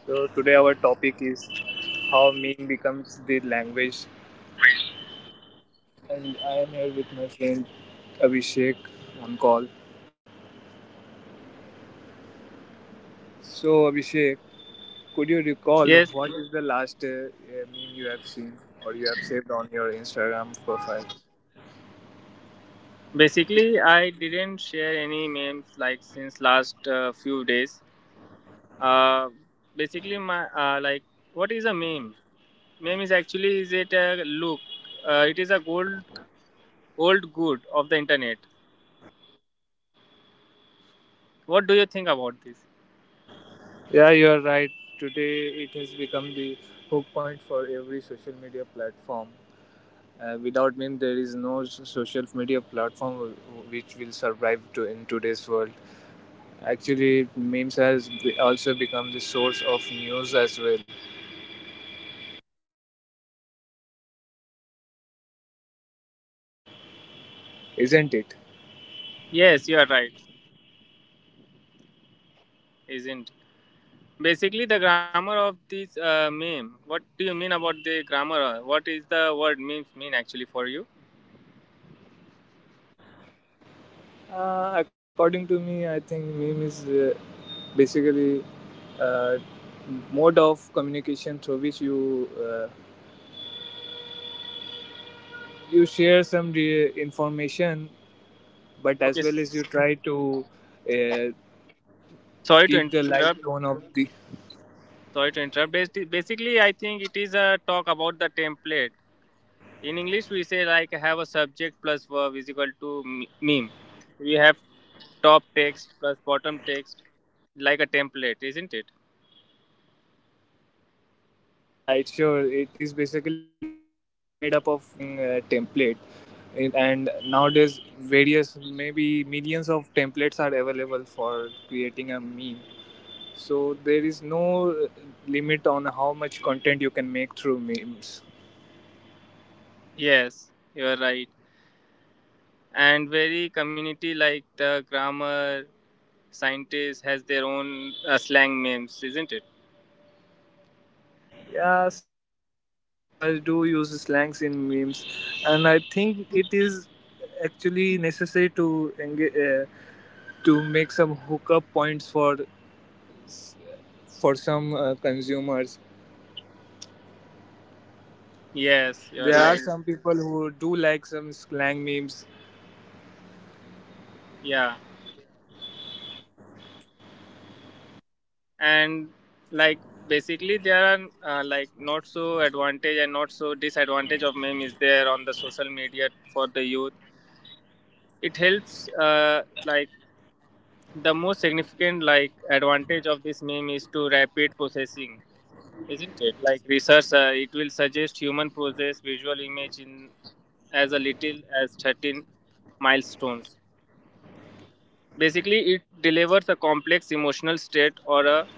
So today our topic is how meme becomes the language, and I am here with my friend Abhishek on call. So Abhishek, could you recall Yes, what is the last meme you have seen or you have saved on your Instagram profile? basically, I didn't share any memes like since last few days. Uh, Basically, my like what is a meme? Meme is actually is it a look? It is a gold old good of the internet. What do you think about this? Yeah, you are right. Today it has become the hook point for every social media platform. Without meme, there is no social media platform which will survive to in today's world. Actually, memes has also become the source of news as well, isn't it? Yes, you are right. Isn't basically the grammar of this meme? What do you mean about the grammar? What is the word memes mean actually for you? According to me, I think meme is basically uh, mode of communication through which you share some information, but as Okay, well as you try to uh, sorry to keep the interrupt. light tone of the. Sorry to interrupt. Basically, I think it is a talk about the template. In English, we say like have a subject plus verb is equal to meme. We have top text plus bottom text, like a template, isn't it? Yeah, it's sure. It is basically made up of using a template. And nowadays various maybe millions of templates are available for creating a meme. So there is no limit on how much content you can make through memes. Yes, you're right. And very community like the grammar scientist has their own slang memes, isn't it? Yeah, some of the profiles do use slangs in memes, and I think it is actually necessary to engage, to make some hookup points for some consumers. Yes, you're There are right. some people who do like some slang memes. Yeah. and like Basically, there are like not so advantage and not so disadvantage of meme is there on the social media for the youth. It helps like the most significant like advantage of this meme is to rapid processing, isn't it? Like research, it will suggest human process visual image in as a little as 13 milestones. Basically, it delivers a complex emotional state or a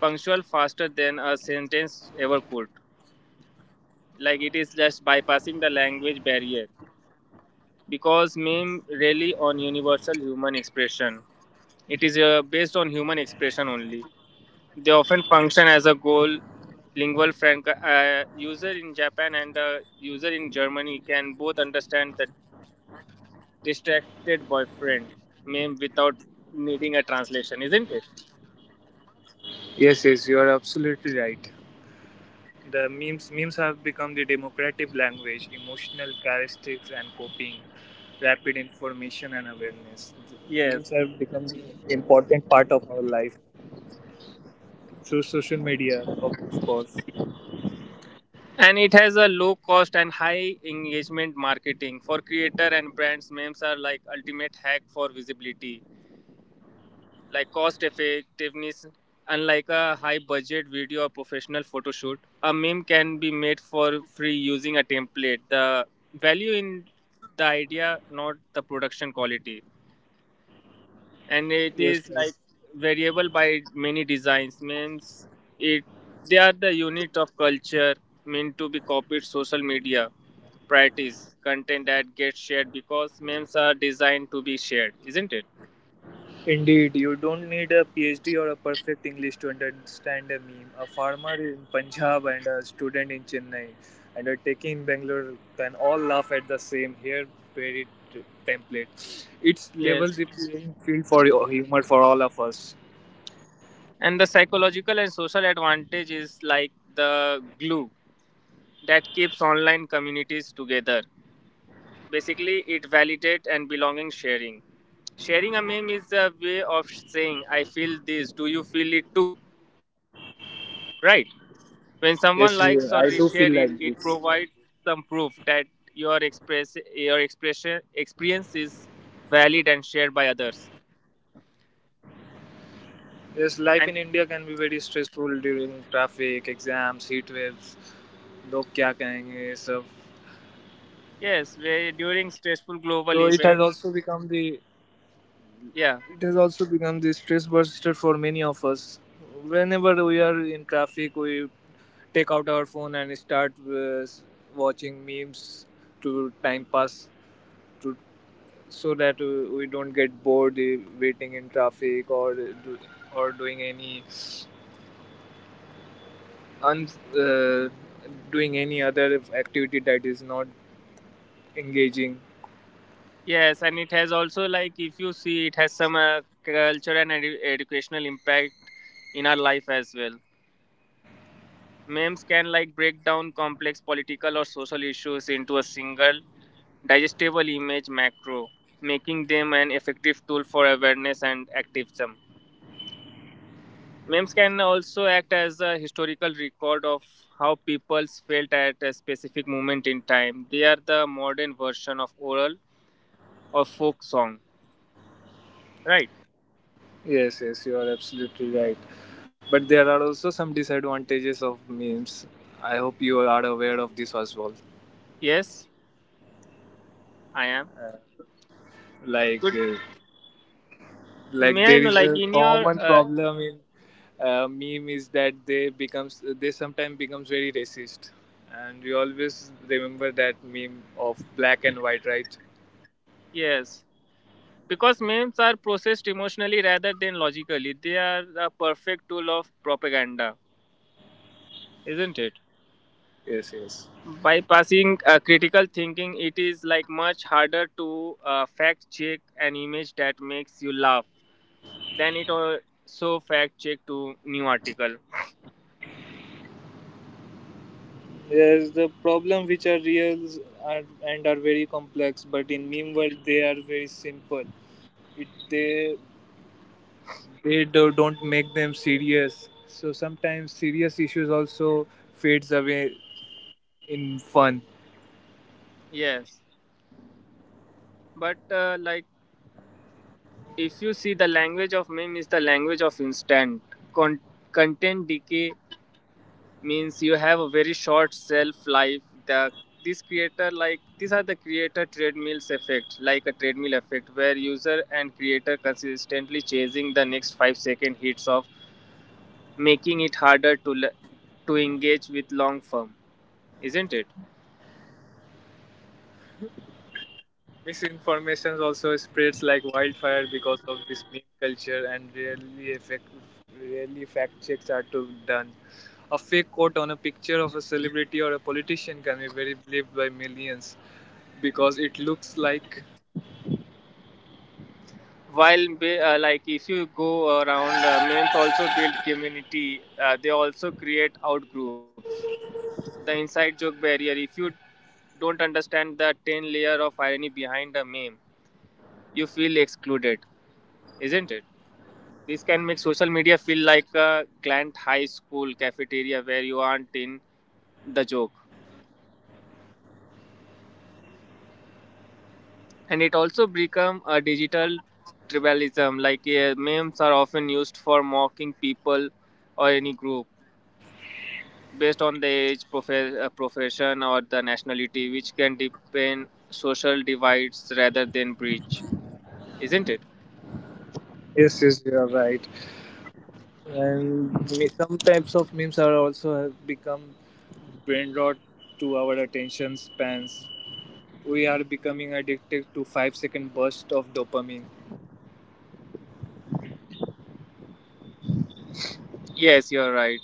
punctual faster than a sentence ever could, like it is just bypassing the language barrier because meme rely on universal human expression. It is based on human expression only. They often function as a goal lingual frank. User in japan and a user in germany can both understand the distracted boyfriend meme without needing a translation, isn't it? Yes, yes, you are absolutely right. The memes have become the democratic language, emotional characteristics and coping, rapid information and awareness. Memes Yes, have become the important part of our life through social media, of course. and it has a low cost and high engagement marketing for creator and brands. Memes are like ultimate hack for visibility, like cost effectiveness. Unlike a high budget video or professional photo shoot, a meme can be made for free using a template. The value in the idea, not the production quality. And it Yes, is like yes. variable by many designs means it, they are the unit of culture meant to be copied. Social media practice content that gets shared because memes are designed to be shared, isn't it? Indeed, you don't need a PhD or a perfect English to understand a meme. A farmer in Punjab and a student in Chennai and a techie in Bangalore can all laugh at the same hair buried template. It's level Yes, the playing field for humor for all of us. and the psychological and social advantage is like the glue that keeps online communities together. Basically, it validates and belonging sharing. Sharing a meme is a way of saying I feel this, do you feel it too? Right. When someone likes or Yes, I reshare do it, feel it like provides this. some proof that your expression experience is valid and shared by others. Yes, life in India can be And very stressful during traffic, exams, heat waves, log kya kahenge, सब. yes, where during stressful So it global has also event, become the. It yeah, has also become the stress buster for many of us. Whenever we are in traffic, we take out our phone and start watching memes to time pass, to so that we don't get bored waiting in traffic or doing any un, uh, doing any other activity that is not engaging. yes, and it has also like if you see it has some cultural and educational impact in our life as well. Memes can like break down complex political or social issues into a single digestible image macro, making them an effective tool for awareness and activism. Memes can also act as a historical record of how peoples felt at a specific moment in time. They are the modern version of oral or folk song, right? Yes, yes, you are absolutely right. But there are also some disadvantages of memes. I hope you are aware of this as well. Yes, I am. Like, Good. uh, like May I there know, is like a in your common problem in meme is that they sometimes becomes very racist, and you always remember that meme of black and white, right? yes, because memes are processed emotionally rather than logically. They are a perfect tool of propaganda, isn't it? Yes, yes. Bypassing critical thinking, it is like much harder to fact check an image that makes you laugh than it also fact check to new article. Yes, the problem which are real are and are very complex, but in meme world they are very simple. It they do, Don't make them serious, so sometimes serious issues also fades away in fun. Yes, but like if you see the language of meme is the language of instant Con- content decay, means you have a very short shelf life. The this creator, like these are the creator treadmills effect, like a treadmill effect where user and creator consistently chasing the next 5-second hits of making it harder to to engage with long form, isn't it? Misinformation also spreads like wildfire because of this meme culture, and really effect really fact checks are to done. A fake quote on a picture of a celebrity or a politician can be very believed by millions because it looks like. While like if you go around, memes also build community. They also create out groups. The inside joke barrier. If you don't understand the 10 layer of irony behind a meme, you feel excluded, isn't it? This can make social media feel like a grand high school cafeteria where you aren't in the joke. And it also become a digital tribalism, like memes are often used for mocking people or any group based on the age profession or the nationality, which can deepen social divides rather than breach, isn't it? Yes, yes, you are right. And some types of memes are also have become brain rot to our attention spans. We are becoming addicted to 5 second burst of dopamine. Yes, you're right.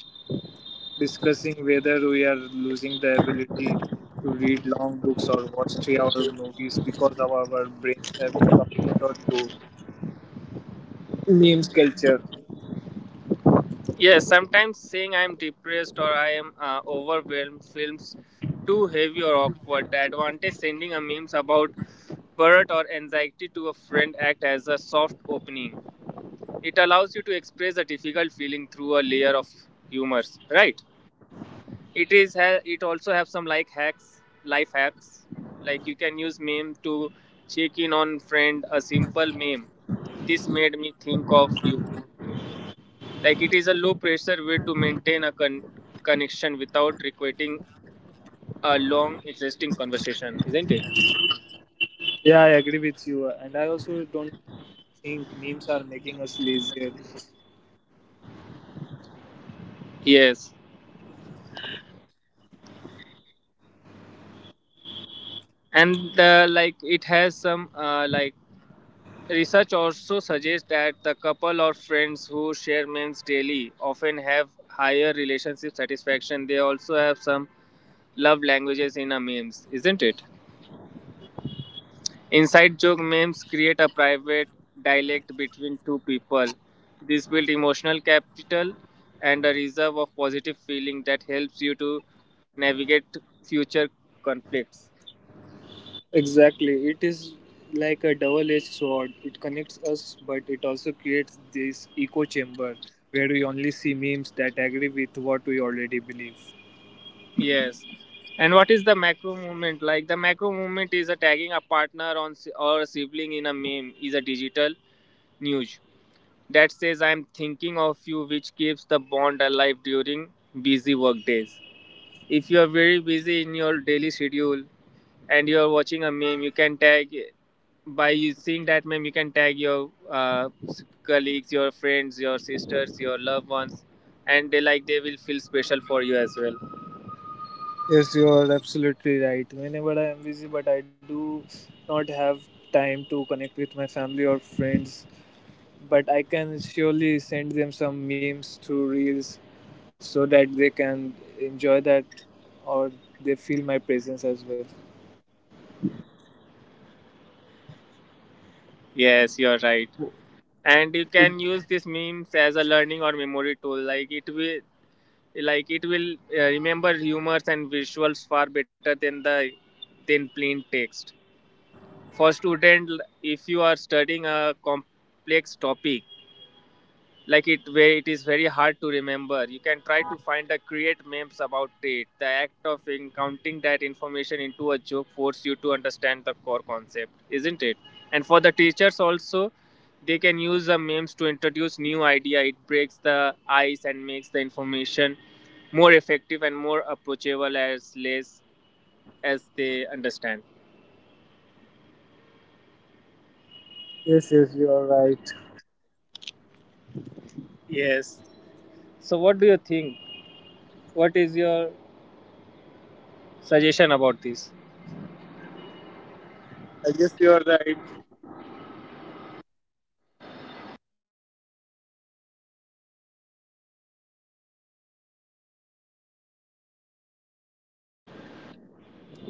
Discussing whether we are losing the ability to read long books or watch 3 hour movies because of our brains have become short to memes culture. Yes, sometimes saying I'm depressed or I am overwhelmed feels too heavy or awkward. The advantage sending a memes about burnout or anxiety to a friend act as a soft opening. It allows you to express a difficult feeling through a layer of humors, right? It is it also have some like hacks, life hacks. Like you can use meme to check in on friend. A simple meme, this made me think of you, like it is a low pressure way to maintain a connection without requiring a long existing conversation, isn't it? Yeah, I agree with you. And I also don't think memes are making us lazier. Yes, and like it has some like research also suggests that the couple or friends who share meals daily often have higher relationship satisfaction. They also have some love languages in a memes, isn't it? Inside joke memes create a private dialect between two people. This builds emotional capital and a reserve of positive feeling that helps you to navigate future conflicts. Exactly. It is like a double edged sword. It connects us, but it also creates this echo chamber where we only see memes that agree with what we already believe. Yes. And what is the macro movement? Like the macro movement is a tagging a partner on or a sibling in a meme is a digital news that says I'm thinking of you, which keeps the bond alive during busy work days. If you are very busy in your daily schedule and you are watching a meme, you can tag by you seeing that meme. You can tag your colleagues, your friends, your sisters, your loved ones, and they like they will feel special for you as well. Yes, you are absolutely right. Whenever I am busy, but I do not have time to connect with my family or friends, but I can surely send them some memes through reels so that they can enjoy that or they feel my presence as well. Yes, you are right. And you can use these memes as a learning or memory tool. Like it will remember humors and visuals far better than the than plain text for student. If you are studying a complex topic, like it where it is very hard to remember, you can try to find a create memes about it. The act of counting that information into a joke force you to understand the core concept, isn't it? And for the teachers also, they can use the memes to introduce new idea. It breaks the ice and makes the information more effective and more approachable as less as they understand. Yes, yes, you are right. Yes, so what do you think? What is your suggestion about this? I guess you are right.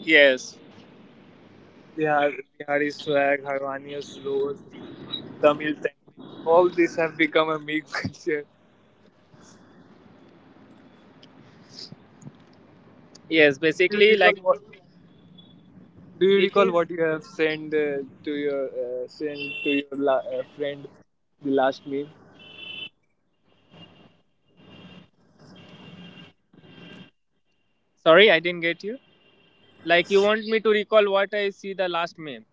Yes, Bihar, Bihari swag, Harvania flows, Tamil Tanglish, all these have become a meme culture. yes, Do you basically, recall like what? Do you it recall is. what you have sent to your sent to your friend the last meme? Sorry, I didn't get you. Like, you want me to recall what I see the last meme?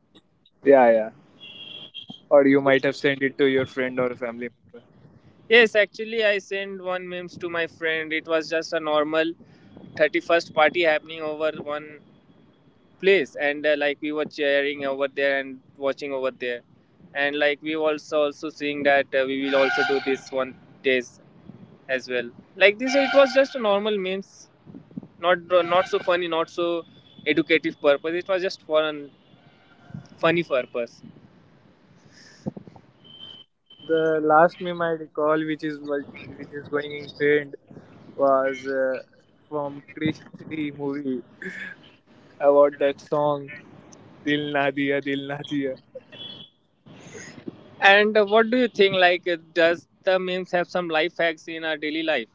Yeah, yeah. Or you might have sent it to your friend or family member. Yes, actually, I sent one memes to my friend. It was just a normal 31st party happening over one place, and like we were cheering over there and watching over there, and like we also seeing that we will also do this one days as well. Like this, it was just a normal memes, not not so funny, not so educative purpose. It was just for an funny purpose. The last meme I recall, which is which is going in trend, was from Krish 3 movie about that song "Dil Na Diya Dil Na Diya." And what do you think? Like, does the memes have some life hacks in our daily life?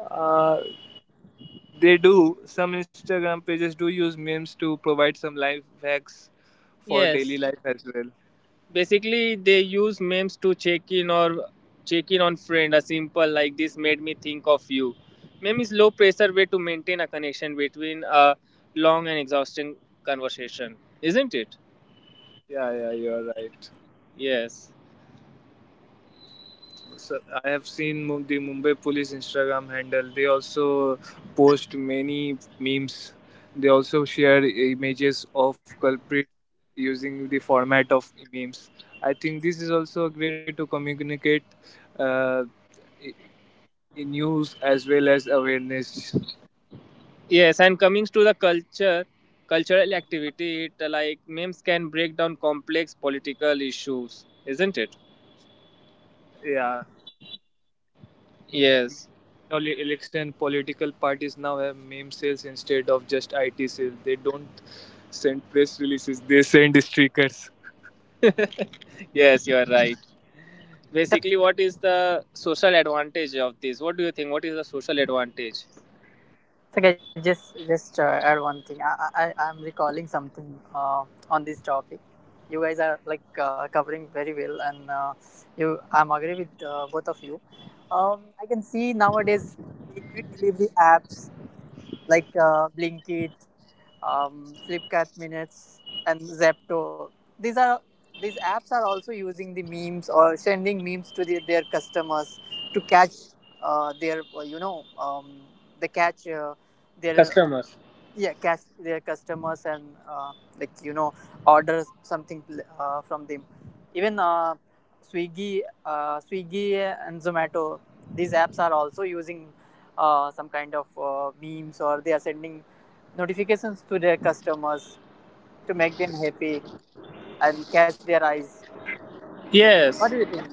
Uh, they do. Some Instagram pages do use memes to provide some life hacks for daily Yes. life as well. Basically, they use memes to check in on friend. A simple like this made me think of you. Meme is low pressure way to maintain a connection between a long and exhausting conversation, isn't it? Yeah, yeah, you are right. Yes. So I have seen the Mumbai Police Instagram handle. They also post many memes. They also share images of culprits using the format of memes. I think this is also a great way to communicate uh, i- news as well as awareness. Yes. And coming to the culture, cultural activity, it like memes can break down complex political issues, isn't it? Yeah. Yes. All election political parties now have meme sales instead of just IT sales. They don't send press releases, they send stickers. Yes, you are right. Basically, what is the social advantage of this? What do you think? What is the social advantage? Okay, just add one thing. I'm recalling something on this topic. You guys are covering very well, and you I'm agree with both of you. I can see nowadays the quick delivery apps like Blinkit, Flipkart Minutes, and Zepto. These are these apps are also using the memes or sending memes to their customers to catch their you know they catch their Customers, yeah, catch their customers and uh, like you know order something from them. Even Swiggy and Zomato, these apps are also using some kind of memes, or they are sending notifications to their customers to make them happy and catch their eyes. What do yes. you think?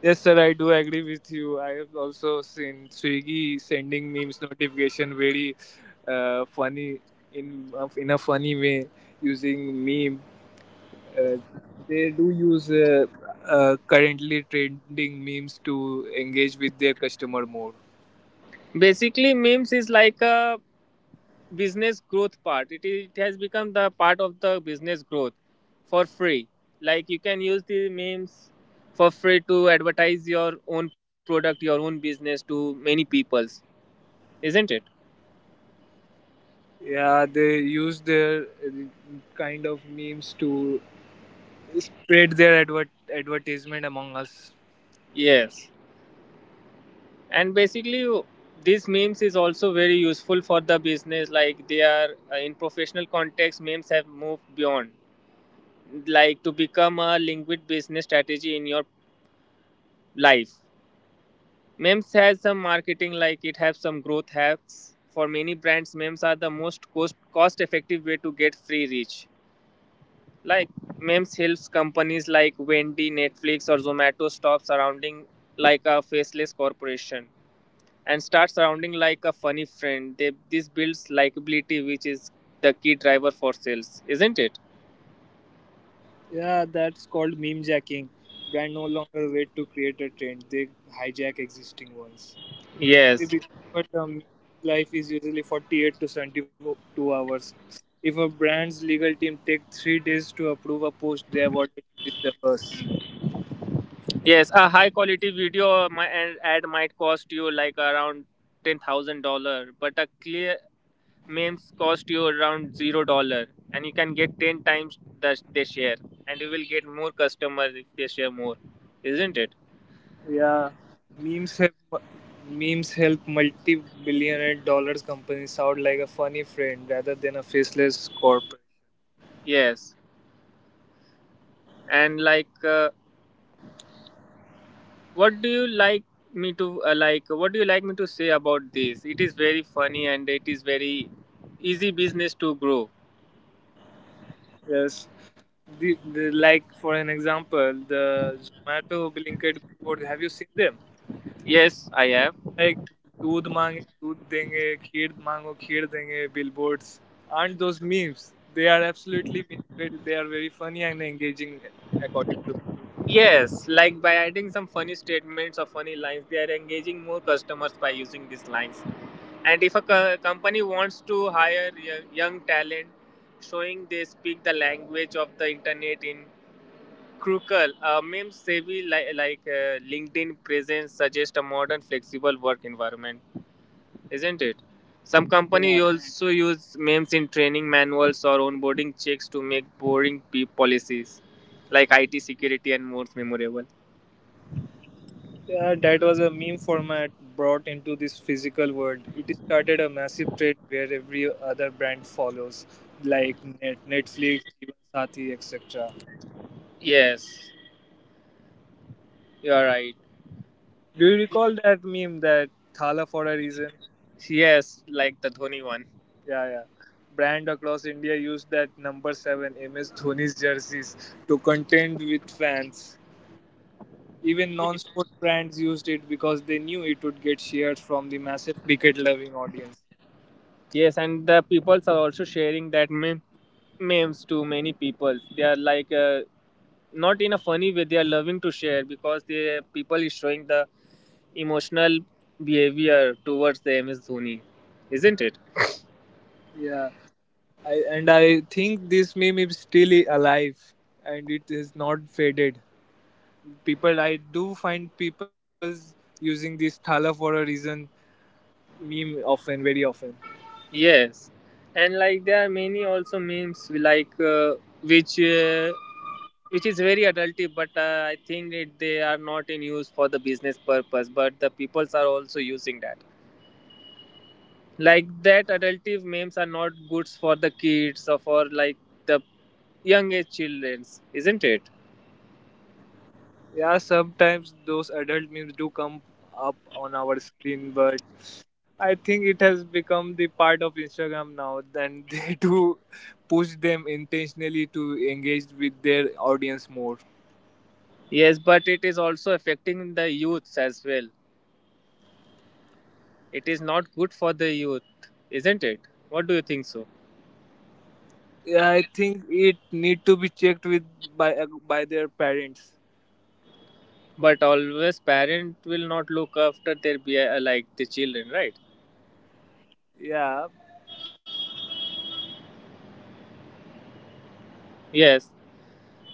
Yes, sir, I do agree with you. I have also seen Swiggy sending memes notification very funny in a funny way using meme. Uh, they do use currently trending memes to engage with their customer more. Basically, memes is like a business growth part. It, is, it has become the part of the business growth for free. Like you can use the memes for free to advertise your own product, your own business to many peoples, isn't it? Yeah, they use their kind of memes to spread their advertisement among us. Yes, and basically, these memes is also very useful for the business. Like they are, in professional context, memes have moved beyond like to become a liquid business strategy in your life. Memes has some marketing, like it has some growth hacks for many brands. Memes are the most cost effective way to get free reach. Like memes helps companies like wendy netflix or zomato stop surrounding like a faceless corporation and start surrounding like a funny friend. They, this builds likability, which is the key driver for sales, isn't it? Yeah, that's called meme jacking. Brand no longer wait to create a trend; they hijack existing ones. They be- Yes, But the meme life is usually 48 to 72 hours. If a brand's legal team takes 3 days to approve a post, they have already reached the bus. yes. A high quality video and ad might cost you like around $10,000, but a clear memes cost you around $0, and you can get 10 times that they share, and you will get more customers if they share more, isn't it? Yeah, memes have memes help multi-billionaire dollars companies sound like a funny friend rather than a faceless corporate. Yes, and like. What do you like me to like what do you like me to say about this? It is very funny and it is very easy business to grow. Yes. Like for an example, the Zomato, Blinkit billboards. Have you seen them? Yes, I have. Like दूध मांगे दूध देंगे खीर मांगो खीर देंगे billboards. Aren't those memes? They are absolutely memes. They are very funny and engaging, according to me. Yes, like by adding some funny statements or funny lines, they are engaging more customers by using these lines. And if a company wants to hire young talent, showing they speak the language of the internet in crucial, a meme savvy like LinkedIn presence suggests a modern, flexible work environment, isn't it? Some Yeah, companies also use memes in training manuals or onboarding checks to make boring policies like IT security and more memorable. yeah, that was a meme format brought into this physical world. It started a massive trend where every other brand follows, like Netflix, even Sati, etc. Yes, you're right. Do you recall that meme that Thala for a reason? Yes, like the Dhoni one. Yeah, yeah. Brand across India used that number seven MS Dhoni's jerseys to contend with fans. Even non-sport brands used it because they knew it would get shared from the massive cricket-loving audience. Yes, and the peoples are also sharing that meme, memes to many people. They are like not in a funny way. They are loving to share because the people is showing the emotional behavior towards the MS Dhoni, isn't it? Yeah, I, and I think this meme is still alive and it is not faded. People, I do find people using this Thala for a reason meme often, very often. Yes, and like there are many also memes like which uh, which is very adulty, but I think it, they are not in use for the business purpose. But the peoples are also using that. Like that adultive memes are not goods for the kids or for like the young age childrens, isn't it? Yeah, sometimes those adult memes do come up on our screen, but I think it has become the part of Instagram now, and they do push them intentionally to engage with their audience more. Yes, but it is also affecting the youths as well. It is not good for the youth, isn't it? What do you think so? Yeah, I think it need to be checked with by by their parents. But always parent will not look after their be like the children, right? Yeah, Yes.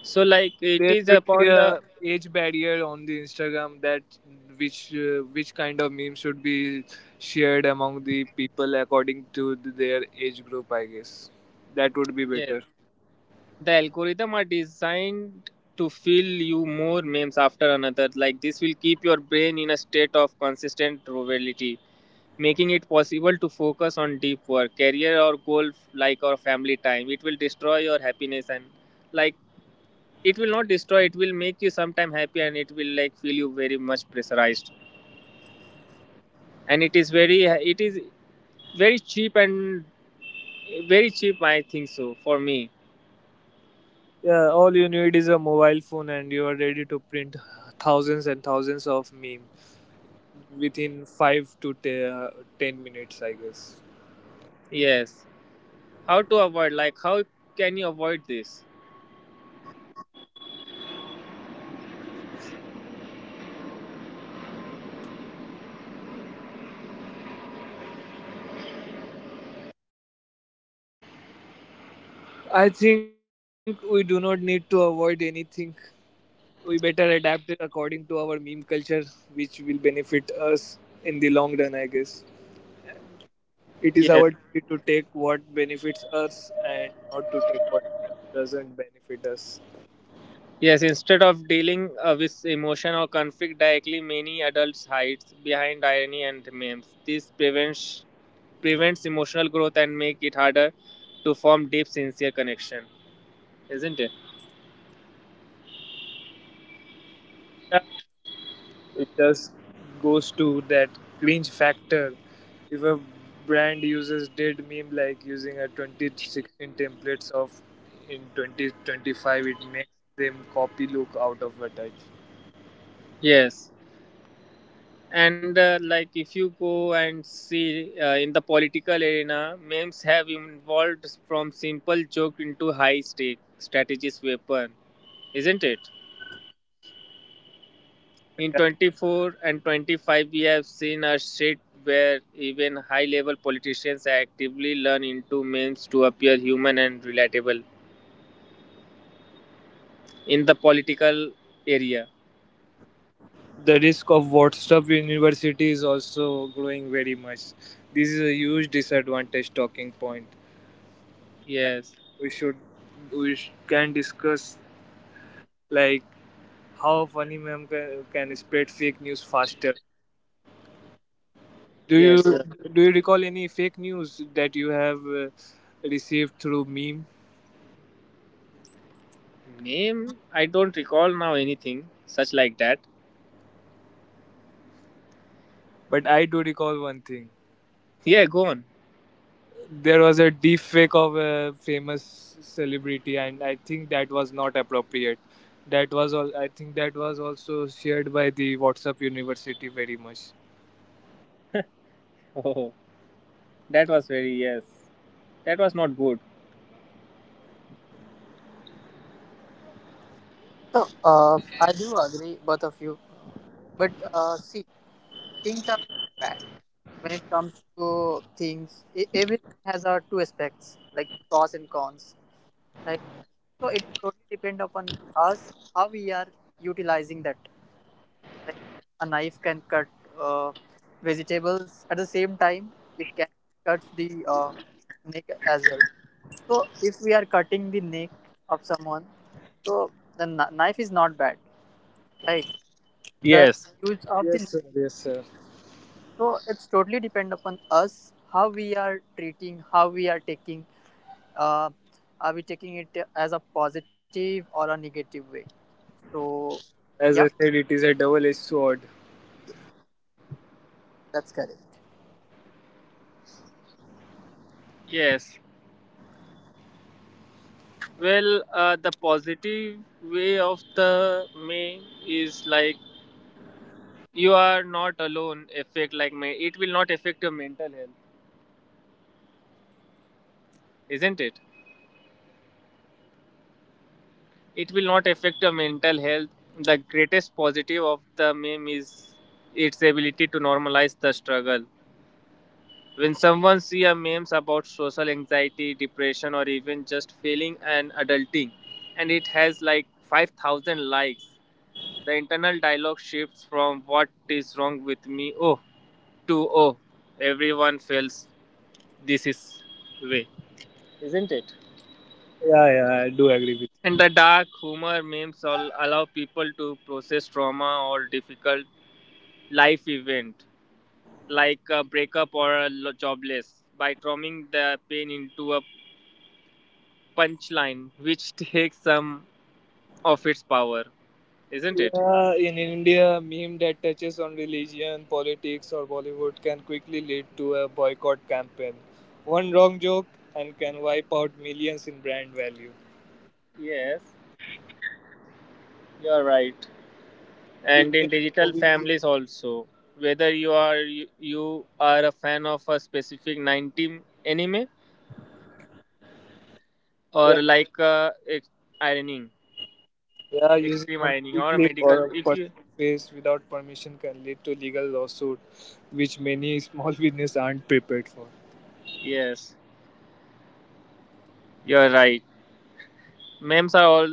So like it there is should be a upon the age barrier on the Instagram that which kind of meme should be shared among the people according to their age group. I guess that would be yes, better. the algorithm are designed to fill you more memes after another. Like this will keep your brain in a state of consistent novelty, making it possible to focus on deep work, career or goal like or family time. It will destroy your happiness and like it will not destroy. It will make you sometime happy and it will like feel you very much pressurized. And it is very cheap and very cheap, I think so, for me. Yeah, all you need is a mobile phone, and you are ready to print thousands and thousands of meme within five to 10 minutes. I guess. Yes, how to avoid, like how can you avoid this? I think we do not need to avoid anything. We better adapt it according to our meme culture, which will benefit us in the long run, I guess. It is Yes, our duty to take what benefits us and not to take what doesn't benefit us. yes, instead of dealing with emotion or conflict directly, many adults hide behind irony and memes. This prevents emotional growth and make it harder to form deep sincere connection, isn't it? Yeah, it just goes to that cringe factor. If a brand uses dead meme like using a 2016 templates of in 2025, it makes them copy look out of a touch. Yes, and like if you go and see in the political arena, memes have evolved from simple joke into high stake strategist weapon, isn't it? In 24 and 25 we have seen a shift where even high level politicians actively learn into memes to appear human and relatable in the political area. The risk of WhatsApp University is also growing very much. This is a huge disadvantage talking point. I, Yes, we should can discuss like how funny ma'am can spread fake news faster. Do you yes, yeah. do you recall any fake news that you have received through meme? Meme, I don't recall now anything such like that. But I do recall one thing. Yeah, go on. There was a deep fake of a famous celebrity, and I think that was not appropriate. That was all. I think that was also shared by the WhatsApp University very much. Oh. That was very yes. That was not good. So, I do agree, both of you. But see, things are bad when it comes to things. Everything has our two aspects, like pros and cons, right? So it is totally depend upon us how we are utilizing that. Right? A knife can cut uh, vegetables at the same time. It can cut the snake as well. So if we are cutting the neck of someone, so the knife is not bad, right? The Yes. the use of the Yes, sir, knife, yes, sir. so it's totally depend upon us how we are treating, how we are taking. Uh, are we taking it as a positive or a negative way? So yeah, As I said, it is a double edged sword. that's correct. Yes. Well, the positive way of the May is like you are not alone. Effect like May, it will not affect your mental health, isn't it? It will not affect your mental health. The greatest positive of the meme is its ability to normalize the struggle. When someone see a memes about social anxiety, depression, or even just failing and adulting, and it has like 5,000 likes, the internal dialogue shifts from "What is wrong with me? Oh" to "Oh, everyone feels this is way, isn't it?" Yeah, yeah, I do agree with And the dark humor memes all allow people to process trauma or difficult life event like a breakup or a jobless by transforming the pain into a punchline, which takes some of its power, isn't you. it? Yeah, in India a meme that touches on religion politics or bollywood can quickly lead to a boycott campaign. One wrong joke and can wipe out millions in brand value. Yes, you are right. And in Using a digital movie clip. families also, whether you are a fan of a specific 90 anime or like ironing, Yeah, using extreme a ironing movie or a clip medical or a if you person's face without permission can lead to legal lawsuit, which many small business aren't prepared for. yes, you're right. Memes are all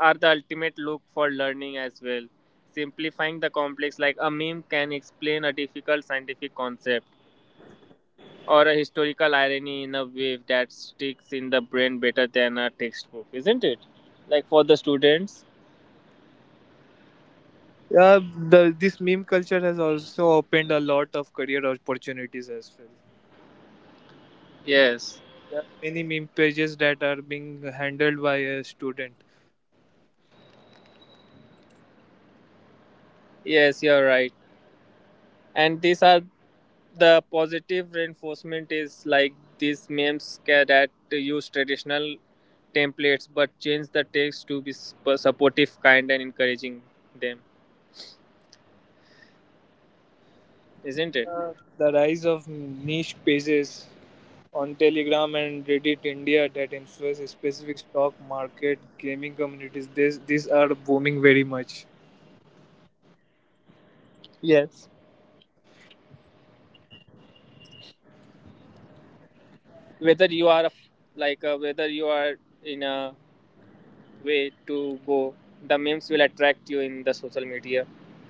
are the ultimate look for learning as well, simplifying the complex. Like a meme can explain a difficult scientific concept or a historical irony in a way that sticks in the brain better than a textbook, isn't it? Like for the students. Yeah, the, this meme culture has also opened a lot of career opportunities as well. Yes, There are many meme pages that are being handled by a student. yes, you're right. And these are the positive reinforcement is like these memes that use traditional templates but change the text to be supportive, kind, and encouraging them, isn't it? Uh, the rise of niche pages on Telegram and Reddit India that influence specific stock market gaming communities. These are booming very much. Yes. Whether you are a, like whether you are in a way to go, the memes will attract you in the social media.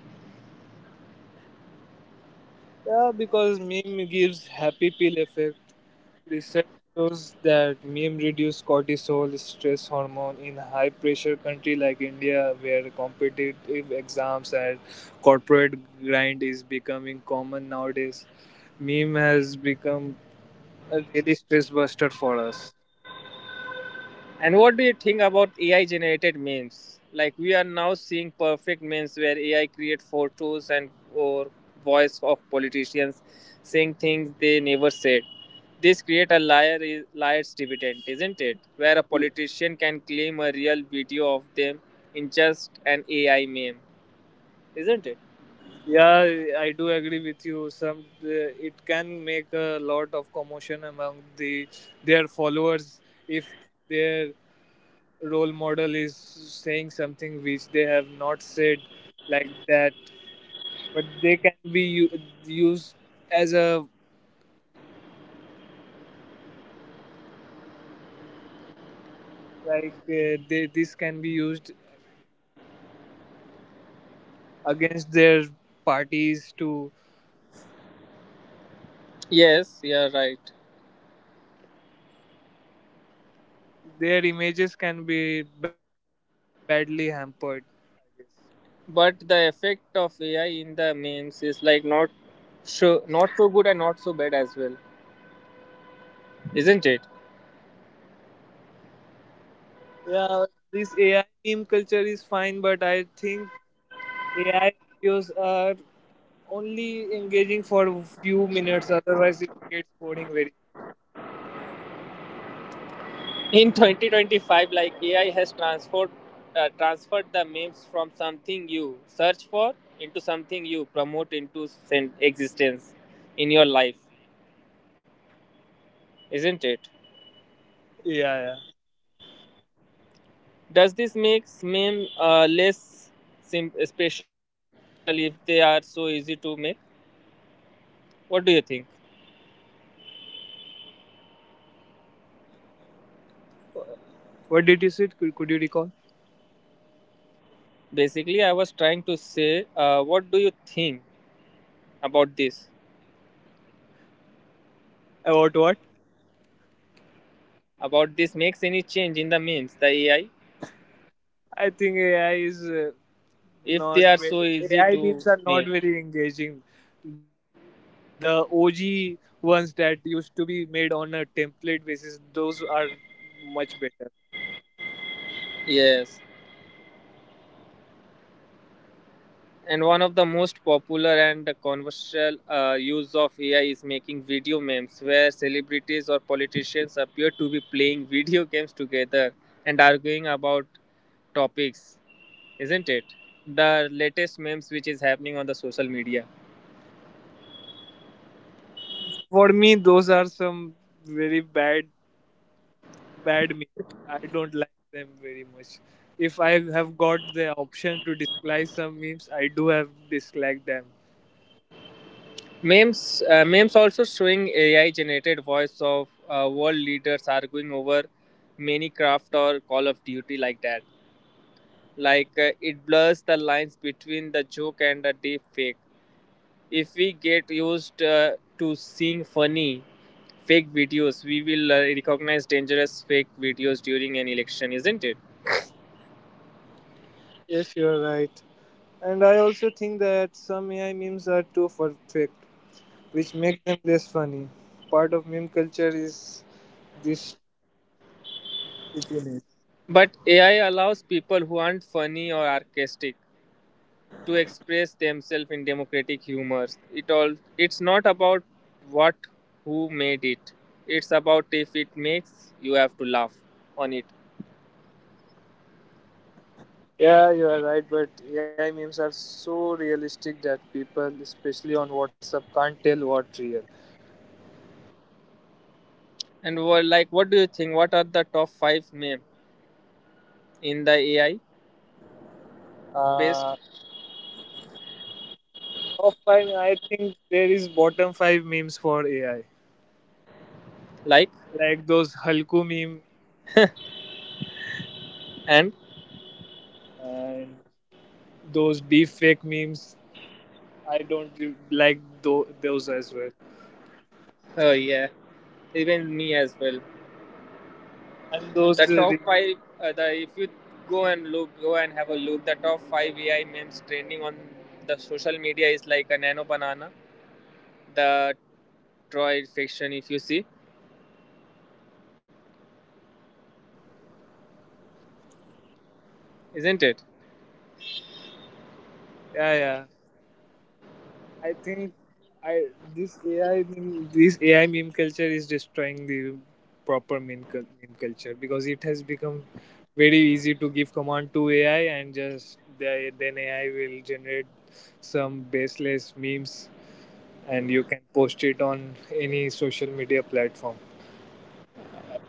Yeah, because meme gives happy pill effect. Research shows that meme reduce cortisol, stress hormone in high pressure country like India, where competitive exams and corporate grind is becoming common nowadays. Meme has become a really stress buster for us. And what do you think about AI generated memes? Like we are now seeing perfect memes where AI create photos and or voice of politicians saying things they never said. This create a liar is liar's dividend, isn't it? Where a politician can claim a real video of them in just an AI meme, isn't it? Yeah, I do agree with you. Some it can make a lot of commotion among the their followers if their role model is saying something which they have not said like that, but they can be used as a this can be used against their parties to Yes, you're right. their images can be badly hampered, I guess. But the effect of AI in the memes is like not so not so good and not so bad as well, isn't it? Yeah, this AI meme culture is fine, but I think AI videos are only engaging for a few minutes, otherwise it gets boring very. In 2025, like AI has transformed, transferred the memes from something you search for into something you promote into existence in your life, isn't it? Yeah, yeah. Does this make meme less special if they are so easy to make? What do you think? What did you say? Could you recall? Basically, I was trying to say, what do you think about this? About what? About this makes any change in the memes, the AI, I think AI is if they not are very, so easy AI memes to are not make? very engaging. The OG ones that used to be made on a template basis, those are much better. Yes. And one of the most popular and controversial use of AI is making video memes, where celebrities or politicians appear to be playing video games together and arguing about topics, isn't it? The latest memes which is happening on the social media. For me, those are some very bad, bad memes. I don't like them very much. If I have got the option to dislike some memes, I do have disliked them. Memes also showing AI-generated voice of world leaders arguing over Minecraft or Call of Duty like that. Like it blurs the lines between the joke and the deep fake. If we get used to seeing funny fake videos, we will recognize dangerous fake videos during an election, isn't it? Yes, you're right. And I also think that some AI memes are too perfect, which makes them less funny. Part of meme culture is this shittiness. But AI allows people who aren't funny or sarcastic to express themselves in democratic humors. It all it's not about what who made it, it's about if it makes you have to laugh on it. Yeah, you are right, but AI memes are so realistic that people, especially on WhatsApp, can't tell what real. And well, like what do you think, what are the top 5 meme in the ai based Uh, Top five, I think there is bottom five memes for AI, like like those Halku meme and and those deep fake memes. I don't like those as well, oh yeah, even me as well. and The those top five the if you go and look, go and have a look, the top five AI memes trending on the social media is like a nano banana, the Troy fiction, if you see, isn't it? yeah, yeah. I think I this AI meme, this AI meme culture is destroying the meme culture because it has become very easy to give command to AI, and then AI will generate some baseless memes, and you can post it on any social media platform.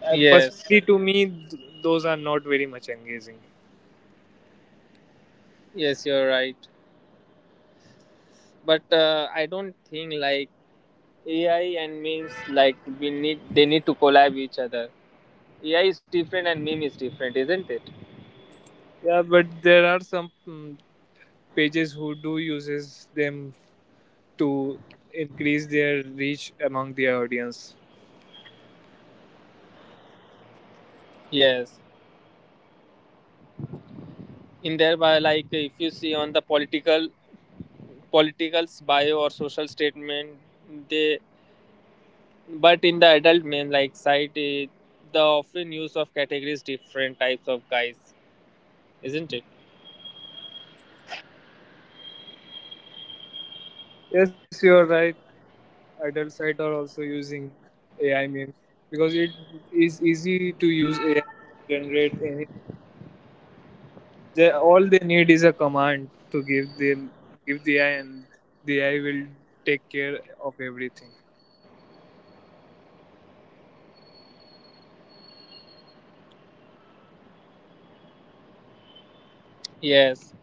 Yes, Personally, to me, those are not very much engaging. yes, you're right. But I don't think like AI and memes like we need they need to collab each other. AI is different and meme is different, isn't it? Yeah, but there are some pages who do uses them to increase their reach among the audience. Yes, in thereby like if you see on the political bio or social statement they but in the adult men like side eh, the often use of categories different types of guys, isn't it? Yes, you're right. Adult sites are also using AI memes because it is easy to use AI and generate any. All they need is a command to give the AI, and the AI will take care of everything. Yes,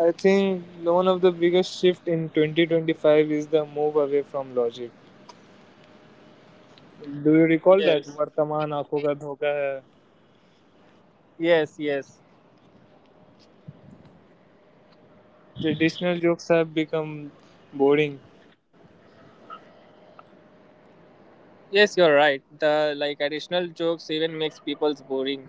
I think one of the biggest shift in 2025 is the move away from logic. Do you recall that yes, Vartaman Aankhon Ka Dhoka Hai? yes, yes, Traditional jokes have become boring. yes, you're right. The like additional jokes even makes people's boring.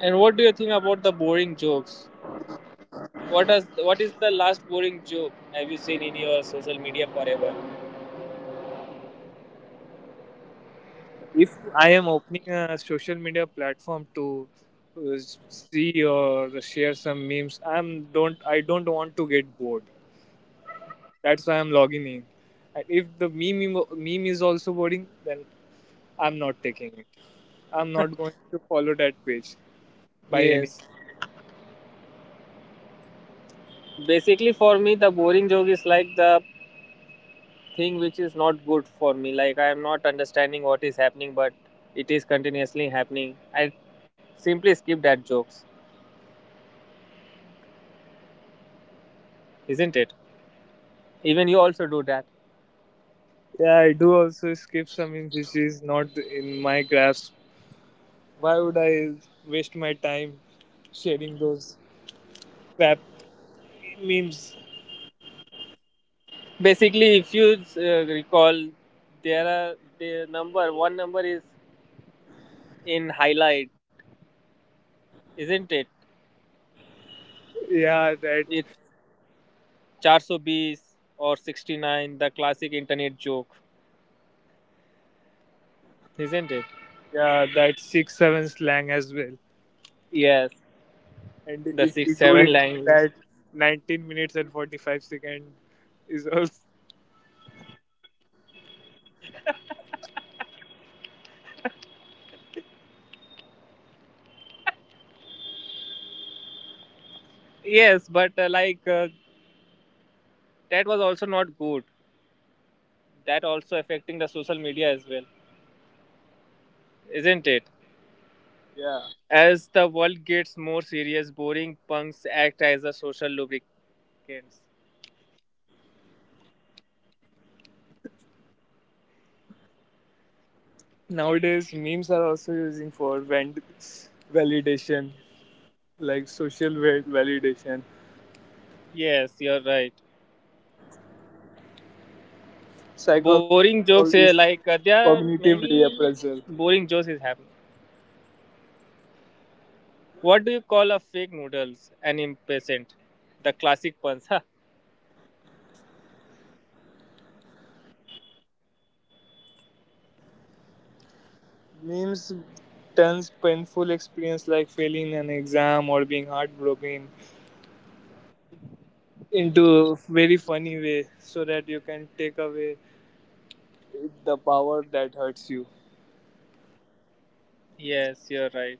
And what do you think about the boring jokes? What is what is the last boring joke have you seen in your social media forever? If I am opening a social media platform to uh, see or share some memes, I don't want to get bored. That's why I'm logging in. And if the meme is also boring, then I'm not taking it. I'm not going to follow that page by any. Yes, basically for me the boring joke is like the thing which is not good for me. Like I am not understanding what is happening, but it is continuously happening. I simply skip that jokes, isn't it? Even you also do that. Yeah, I do also skip some memes which is not in my grasp. Why would I waste my time sharing those crap memes? Basically, if you recall, there are the number one number is in highlight, isn't it? Yeah, that It's 420 or 69, the classic internet joke, isn't it? Yeah, that 6-7 slang as well. Yes, And the if 6 you do 7 remember language. that, 19 minutes and 45 second is also Yes, but like that was also not good. That also affecting the social media as well, isn't it? yeah. As the world gets more serious, boring punks act as a social lubricants. Nowadays, memes are also using for validation, like social validation, Yes, you're right. psychology, Boring all jokes eh, this like there are cognitive many reappraisal. boring jokes is happening. What do you call a fake noodles? An impatient, the classic puns, huh? Memes turns painful experience like failing an exam or being heartbroken into a very funny way so that you can take away the power that hurts you. Yes, you're right.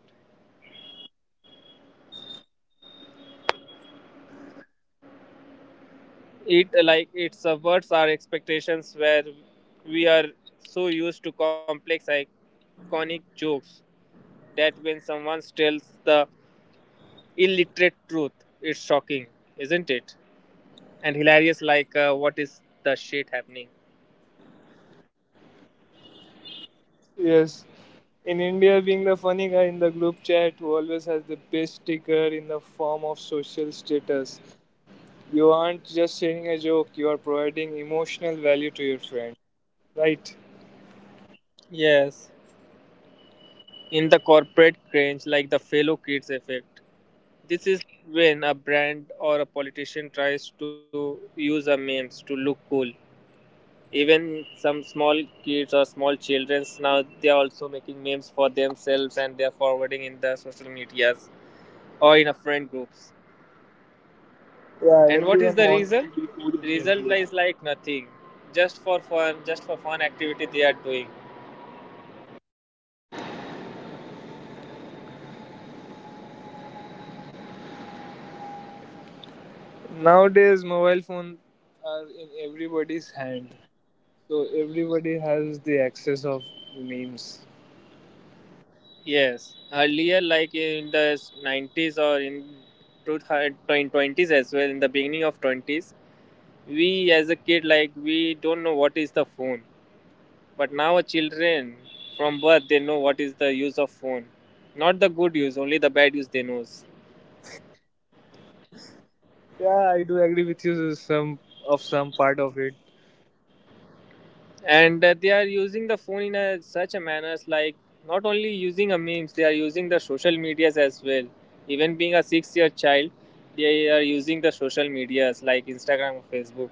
It like it subverts our expectations where we are so used to complex iconic jokes that when someone tells the illiterate truth, it's shocking, isn't it? And hilarious, like, what is the shit happening? Yes. In India, being the funny guy in the group chat who always has the best sticker in the form of social status. You aren't just sharing a joke, you are providing emotional value to your friend. Right? Yes, in the corporate cringe, like the fellow kids effect. This is when a brand or a politician tries to use a memes to look cool. Even some small kids or small children now they are also making memes for themselves and they are forwarding in the social medias or in a friend groups. Yeah, And what is everyone the wants to result? be cool in their Result group. is like nothing. Just for fun activity they are doing. Nowadays, mobile phones are in everybody's hand. So everybody has the access of memes. Yes. Earlier, like in the 90s or in 2020s as well, in the beginning of 20s, we as a kid, like we don't know what is the phone. But now children from birth, they know what is the use of phone. Not the good use, only the bad use they knows. Yeah, I do agree with you to some of some part of it. And that they are using the phone in such a manners, like not only using a memes, they are using the social medias as well, even being a 6 year child, they are using the social medias like Instagram or Facebook.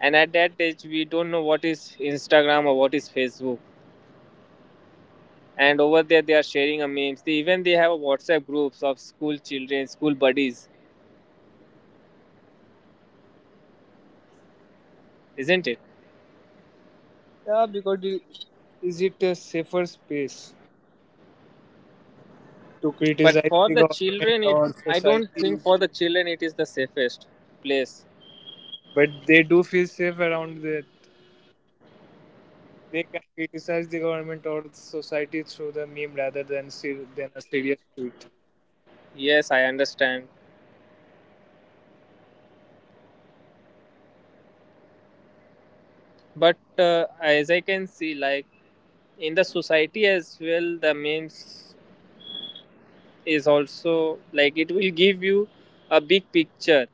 And at that age, we don't know what is Instagram or what is Facebook. And over there, they are sharing a memes. They have a WhatsApp groups of school children, school buddies, isn't it? Yeah, because is it a safer space to But criticize for the the government children, it or I don't think society? for the children it is the safest place. But they do feel safe around that. They can criticize the government or society through the meme rather than a serious tweet. Yes, I understand, but as I can see, like in the society as well, the memes is also like it will give you a big picture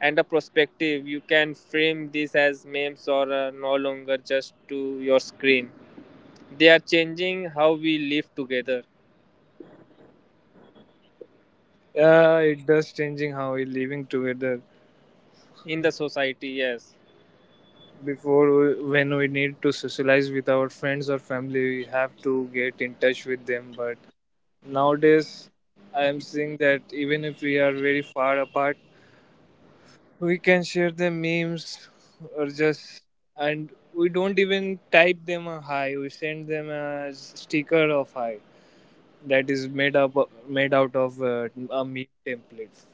and a perspective. You can frame this as memes or no longer just to your screen, they are changing how we live together Yeah, it does changing how we living together. in the society. Yes, Before, when we need to socialize with our friends or family, we have to get in touch with them. But nowadays, I am seeing that even if we are very far apart, we can share the memes, or just, and we don't even type them a hi, we send them a sticker of hi that is made out of a meme template.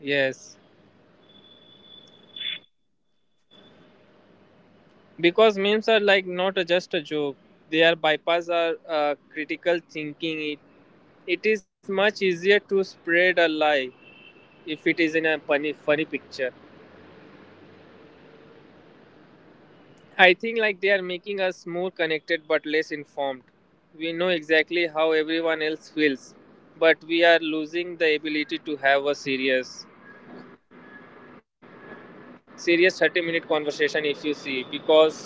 yes, because memes are like not just a joke, they are bypass our critical thinking. It is much easier to spread a lie if it is in a funny funny picture. I think like they are making us more connected but less informed. We know exactly how everyone else feels, but we are losing the ability to have a serious serious 30-minute conversation, if you see, because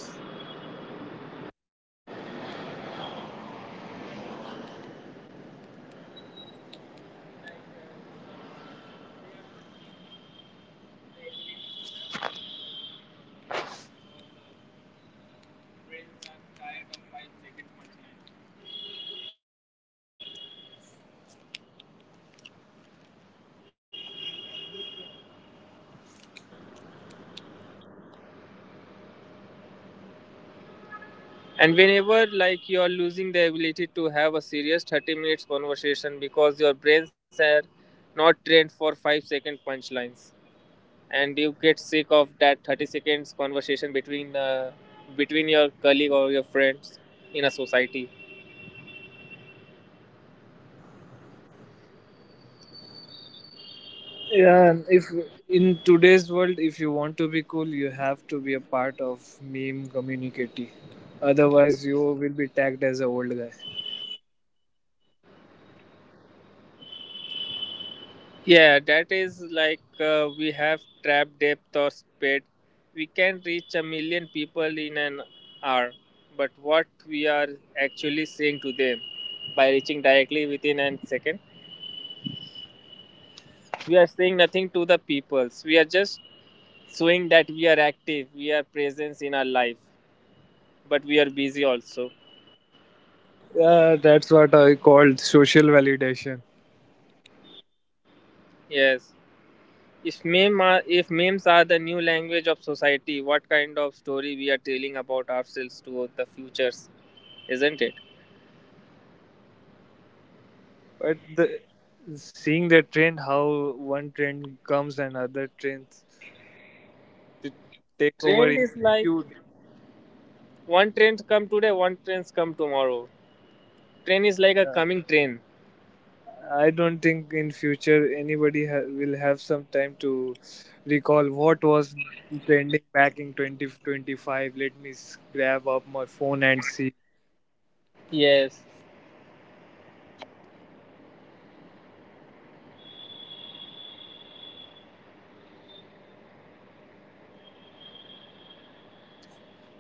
and whenever like, you are losing the ability to have a serious 30 minutes conversation because your brains are not trained for 5-second punchlines, and you get sick of that 30 seconds conversation between your colleague or your friends in a society. Yeah, and if in today's world if you want to be cool, you have to be a part of meme community, otherwise you will be tagged as an old guy. Yeah, that is like we have trap depth or speed. We can reach a million people in an hour, but what we are actually saying to them by reaching directly within a second? We are saying nothing to the peoples, we are just showing that we are active, we are presence in our life, but we are busy also. Yeah, that's what I called social validation. Yes. If memes are the new language of society, what kind of story we are telling about ourselves to the futures, isn't it? But the seeing the trend, how one trend comes and other trends to take over Trend in is like few days. one trend come today, one trends come tomorrow. Trend is like a Uh, coming train. I don't think in future anybody will have some time to recall what was trending back in 2025. Let me grab up my phone and see. Yes,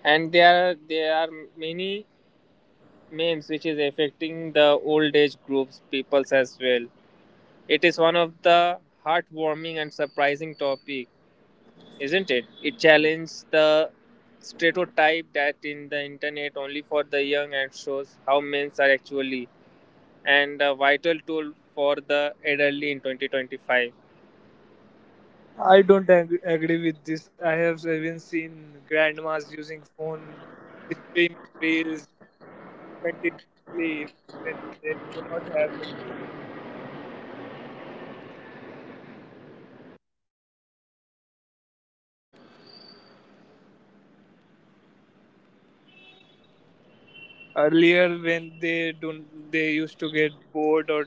and there are many memes which is affecting the old age groups peoples as well. It is one of the heartwarming and surprising topic, isn't it? It challenges the stereotype that in the internet only for the young, and shows how men are actually and a vital tool for the elderly in 2025. I don't agree with this. I have even seen grandmas using phone streaming reels continuously when they do not have earlier when they don't they used to get bored, or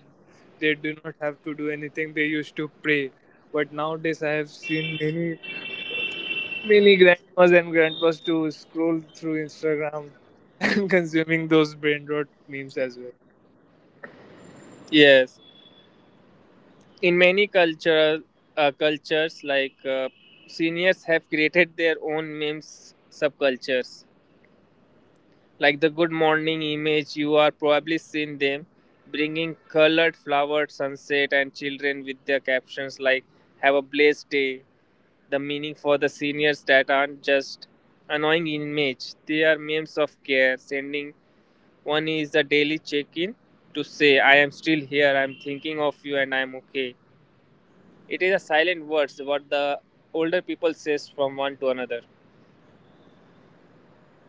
they do not have to do anything, they used to pray, but nowadays I have seen many grandmas and grandpas to scroll through Instagram and consuming those brain rot memes as well. Yes, in many cultural cultures, like seniors have created their own memes subcultures. Like the good morning image, you are probably seen them bringing colored flowered sunset and children with their captions like have a blessed day. The meaning for the seniors that aren't just annoying image, they are memes of care. Sending one is a daily check in to say, I am still here, I am thinking of you, and I am okay. It is a silent words what the older people says from one to another,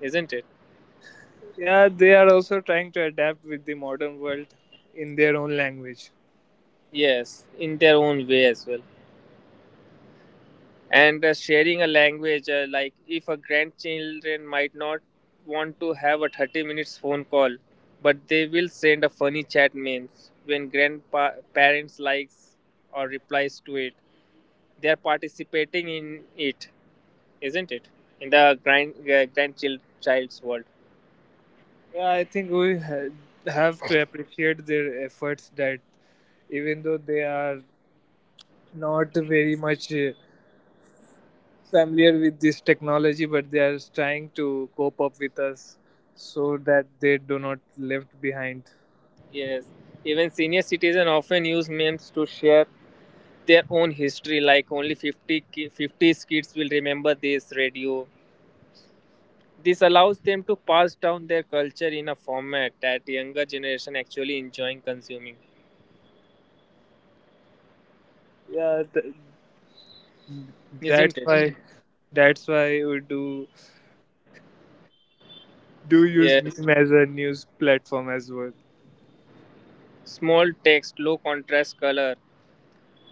isn't it? Yeah, they are also trying to adapt with the modern world in their own language. Yes, in their own way as well. And sharing a language, like if a grandchildren might not want to have a 30 minutes phone call, but they will send a funny chat memes, when grandparents likes or replies to it, they are participating in it, isn't it, in the grand grandchild child's world? Yeah, I think we have to appreciate their efforts that even though they are not very much familiar with this technology, but they are trying to cope up with us so that they do not left behind. Yes, even senior citizen often use memes to share their own history, like only 50s kids will remember this radio. This allows them to pass down their culture in a format that younger generation actually enjoying consuming, Yeah, th- that's isn't it? Why we do use Yes. meme as a news platform as well. Small text, low contrast color,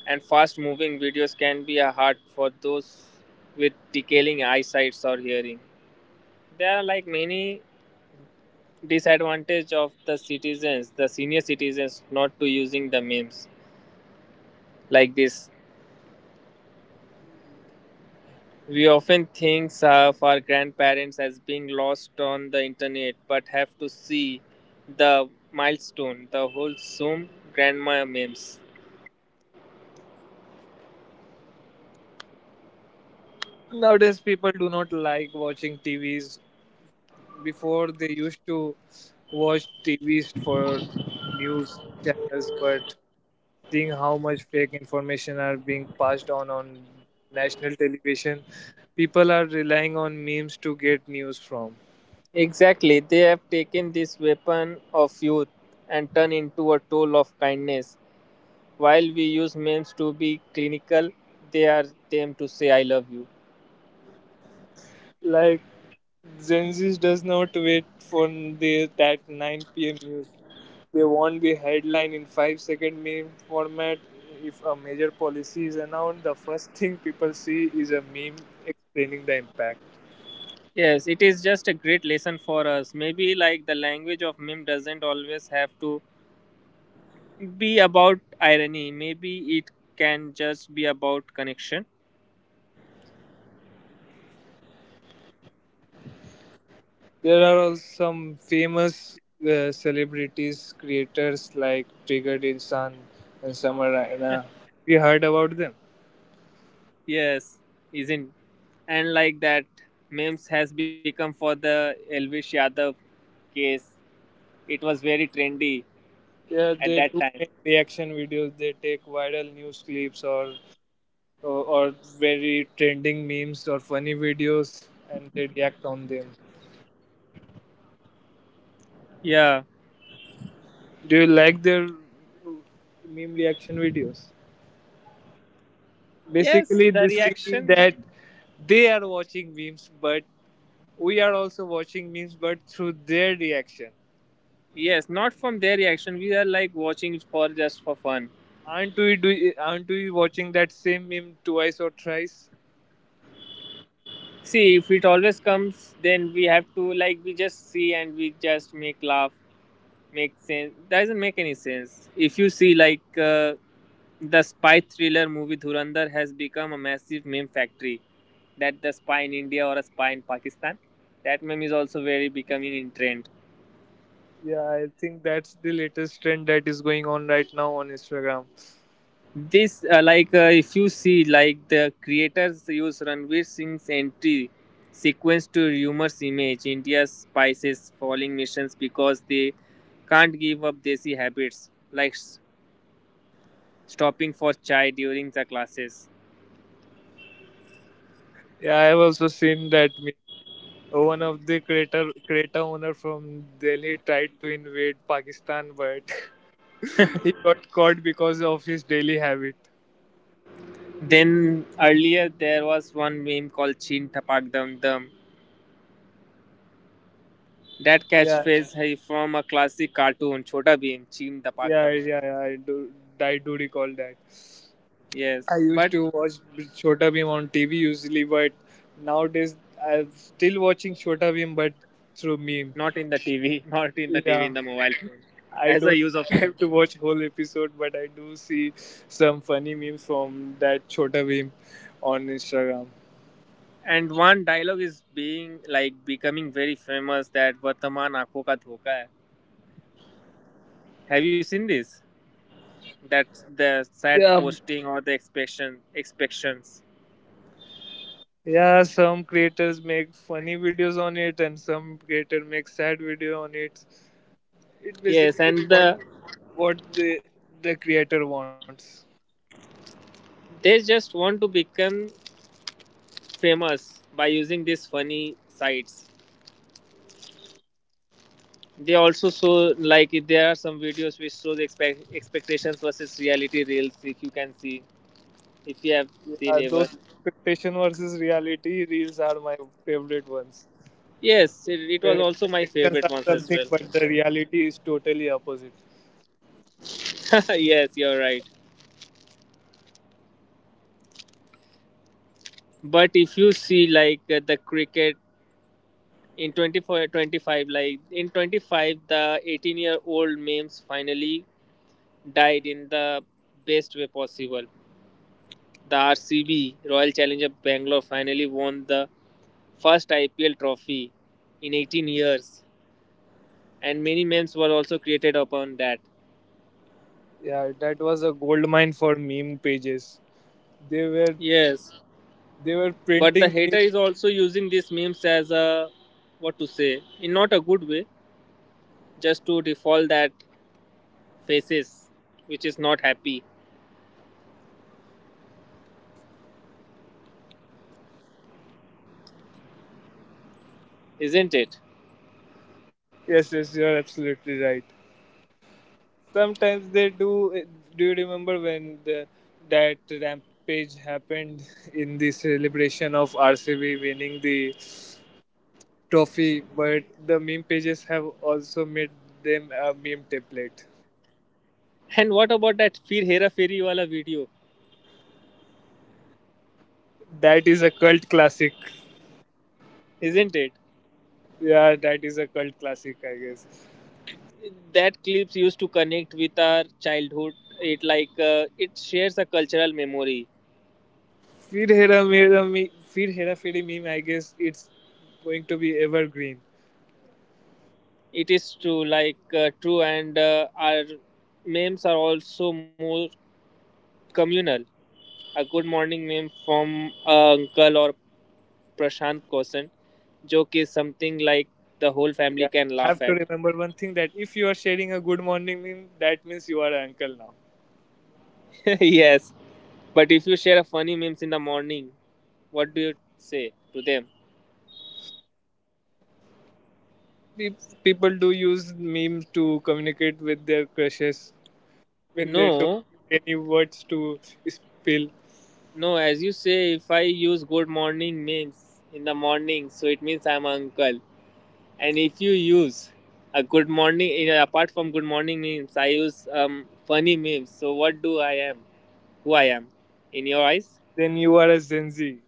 and fast moving videos can be a hard for those with decaying eyesight or hearing. There are like many disadvantage of the citizens, the senior citizens not to using the memes like this. We often think of our grandparents as being lost on the internet, but have to see the milestone, the whole Zoom grandma memes. Nowadays, people do not like watching TVs. Before they used to watch TVs for news channels, but seeing how much fake information are being passed on national television, people are relying on memes to get news from. Exactly, they have taken this weapon of youth and turned into a tool of kindness. While we use memes to be clinical, they are them to say I love you. Like Gen Z does not wait for that 9 p.m. news, they want the headline in 5-second meme format. If a major policy is announced, the first thing people see is a meme explaining the impact. Yes, it is just a great lesson for us. Maybe like the language of meme doesn't always have to be about irony. Maybe it can just be about connection. There are also some famous celebrities, creators like Triggered Insan and Summer Raina. Have you heard about them? Yes, isn't, and like that memes has become for the Elvish Yadav case. It was very trendy Yeah, they at do that make time. reaction videos. They take viral news clips, or very trending memes or funny videos, and they react on them. Yeah. Do you like their meme reaction videos? Yes, Basically, they the see reaction. that they are watching memes, but we are also watching memes, but through their reaction. Yes, not from their reaction. We are like watching for just for fun. Aren't we do? Aren't we watching that same meme twice or thrice? See, if it always comes, then we have to like we just see and we just make laugh. Make sense doesn't make any sense if you see, like the spy thriller movie Dhurandhar has become a massive meme factory, that the spy in India or a spy in Pakistan, that meme is also very becoming in trend. Yeah, I think that's the latest trend that is going on right now on Instagram. This like, if you see like, the creators use Ranveer Singh's entry sequence to humorous image India's spices falling missions, because they can't give up desi habits like stopping for chai during the classes. Yeah, I have also seen that meme. One of the creator owner from Delhi tried to invade Pakistan, but he got caught because of his daily habit. Then earlier there was one meme called Chin Tapak Dum Dum. That Yeah, catchphrase is from a classic cartoon, Chota Bheem, Chin Tapak Dum Dum. yeah. I do. I do recall that. Yes, I used but to watch Chota Bheem on TV usually, but nowadays I'm still watching Chota Bheem, but through not in meme. the TV, not in the TV, in the Yeah, mobile phone, as a I use of don't meme. have to watch whole episode, but I do see some funny memes from that Chota Bheem on Instagram. And one dialogue is being like becoming very famous, that Vartaman Aankhon Ka Dhoka Hai. Have you seen this? That's the sad Yeah, posting or the expectations. yeah. Some creators make funny videos on it, and some creator make sad video on it. It Yes, and basically what the creator wants. they just want to become famous by using these funny sites. They also show like there are some videos which shows expectations versus reality reels. If you can see, if you have Yeah, seen ever, those expectation versus reality reels are my favorite ones. yes, it was Where also my expectations favorite are ones as something, well. but the reality is totally opposite. Yes, you're right. But if you see like the cricket in 24, 25, like in 25, the 18-year-old memes finally died in the best way possible. The RCB Royal Challenger Bangalore finally won the first IPL trophy in 18 years, and many memes were also created upon that. Yeah, that was a gold mine for meme pages. They were Yes, they were but the printing hater memes. is also using these memes as a what to say in not a good way, just to default that faces which is not happy, isn't it? Yes, yes, you're absolutely right. Sometimes they do. Do you remember when the that rampage happened in the celebration of RCB winning the trophy? But the meme pages have also made them a meme template. And what about that Fir Hera Feri wala video, That is a cult classic. isn't it? Yeah, that is a cult classic, I guess. That clips used to connect with our childhood. It, like it shares a cultural memory. Fir Hera Fir Hera Feri meme, I guess it's going to be evergreen. It is true, like true, and our memes are also more communal. A good morning meme from Uncle or Prashant Kosan joke is something like the whole Yeah, family can you have laugh to at. remember one thing that if you are sharing a good morning meme, that means you are an uncle now. Yes, but if you share a funny memes in the morning, what do you say to them? Pe- People do use memes to communicate with their crushes when they don't No, get any words to spill. no, as you say, if I use good morning memes in the morning, so it means I'm uncle. And if you use a good morning apart from good morning memes, I use funny memes, so what do I am, who I am in your eyes? Then you are a Gen Z.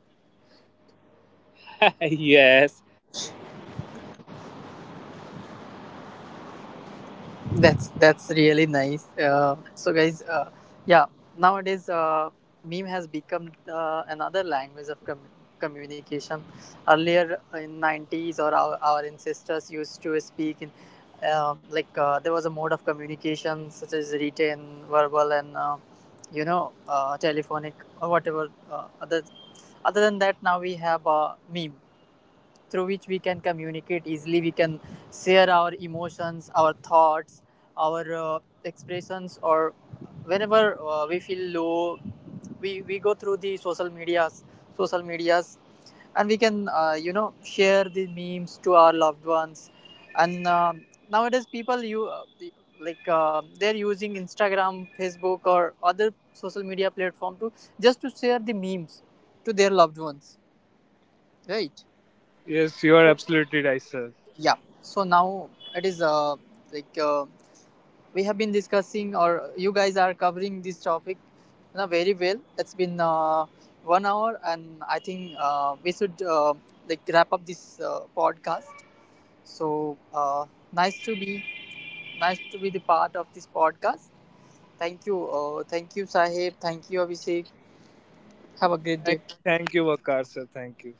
That's really nice. So guys, yeah, nowadays meme has become another language of communication. Earlier in 90s, or our ancestors used to speak in there was a mode of communication such as written, verbal, and telephonic or whatever. Other than that, now we have meme through which we can communicate easily. We can share our emotions, our thoughts, our expressions, or whenever we feel low, we go through the social medias, social medias, and we can, share the memes to our loved ones. And nowadays people you the- like they're using Instagram, Facebook, or other social media platform to just to share the memes to their loved ones, right? Yes, you are absolutely right, sir. Yeah. So now it is like uh, we have been discussing, or you guys are covering this topic, you know, very well. It's been 1 hour, and I think we should, like, wrap up this podcast. So nice to be, nice to be the part of this podcast. Thank you, Sahib. Thank you, Abhishek. Have a great day. Thank you, Vakar, sir. Thank you.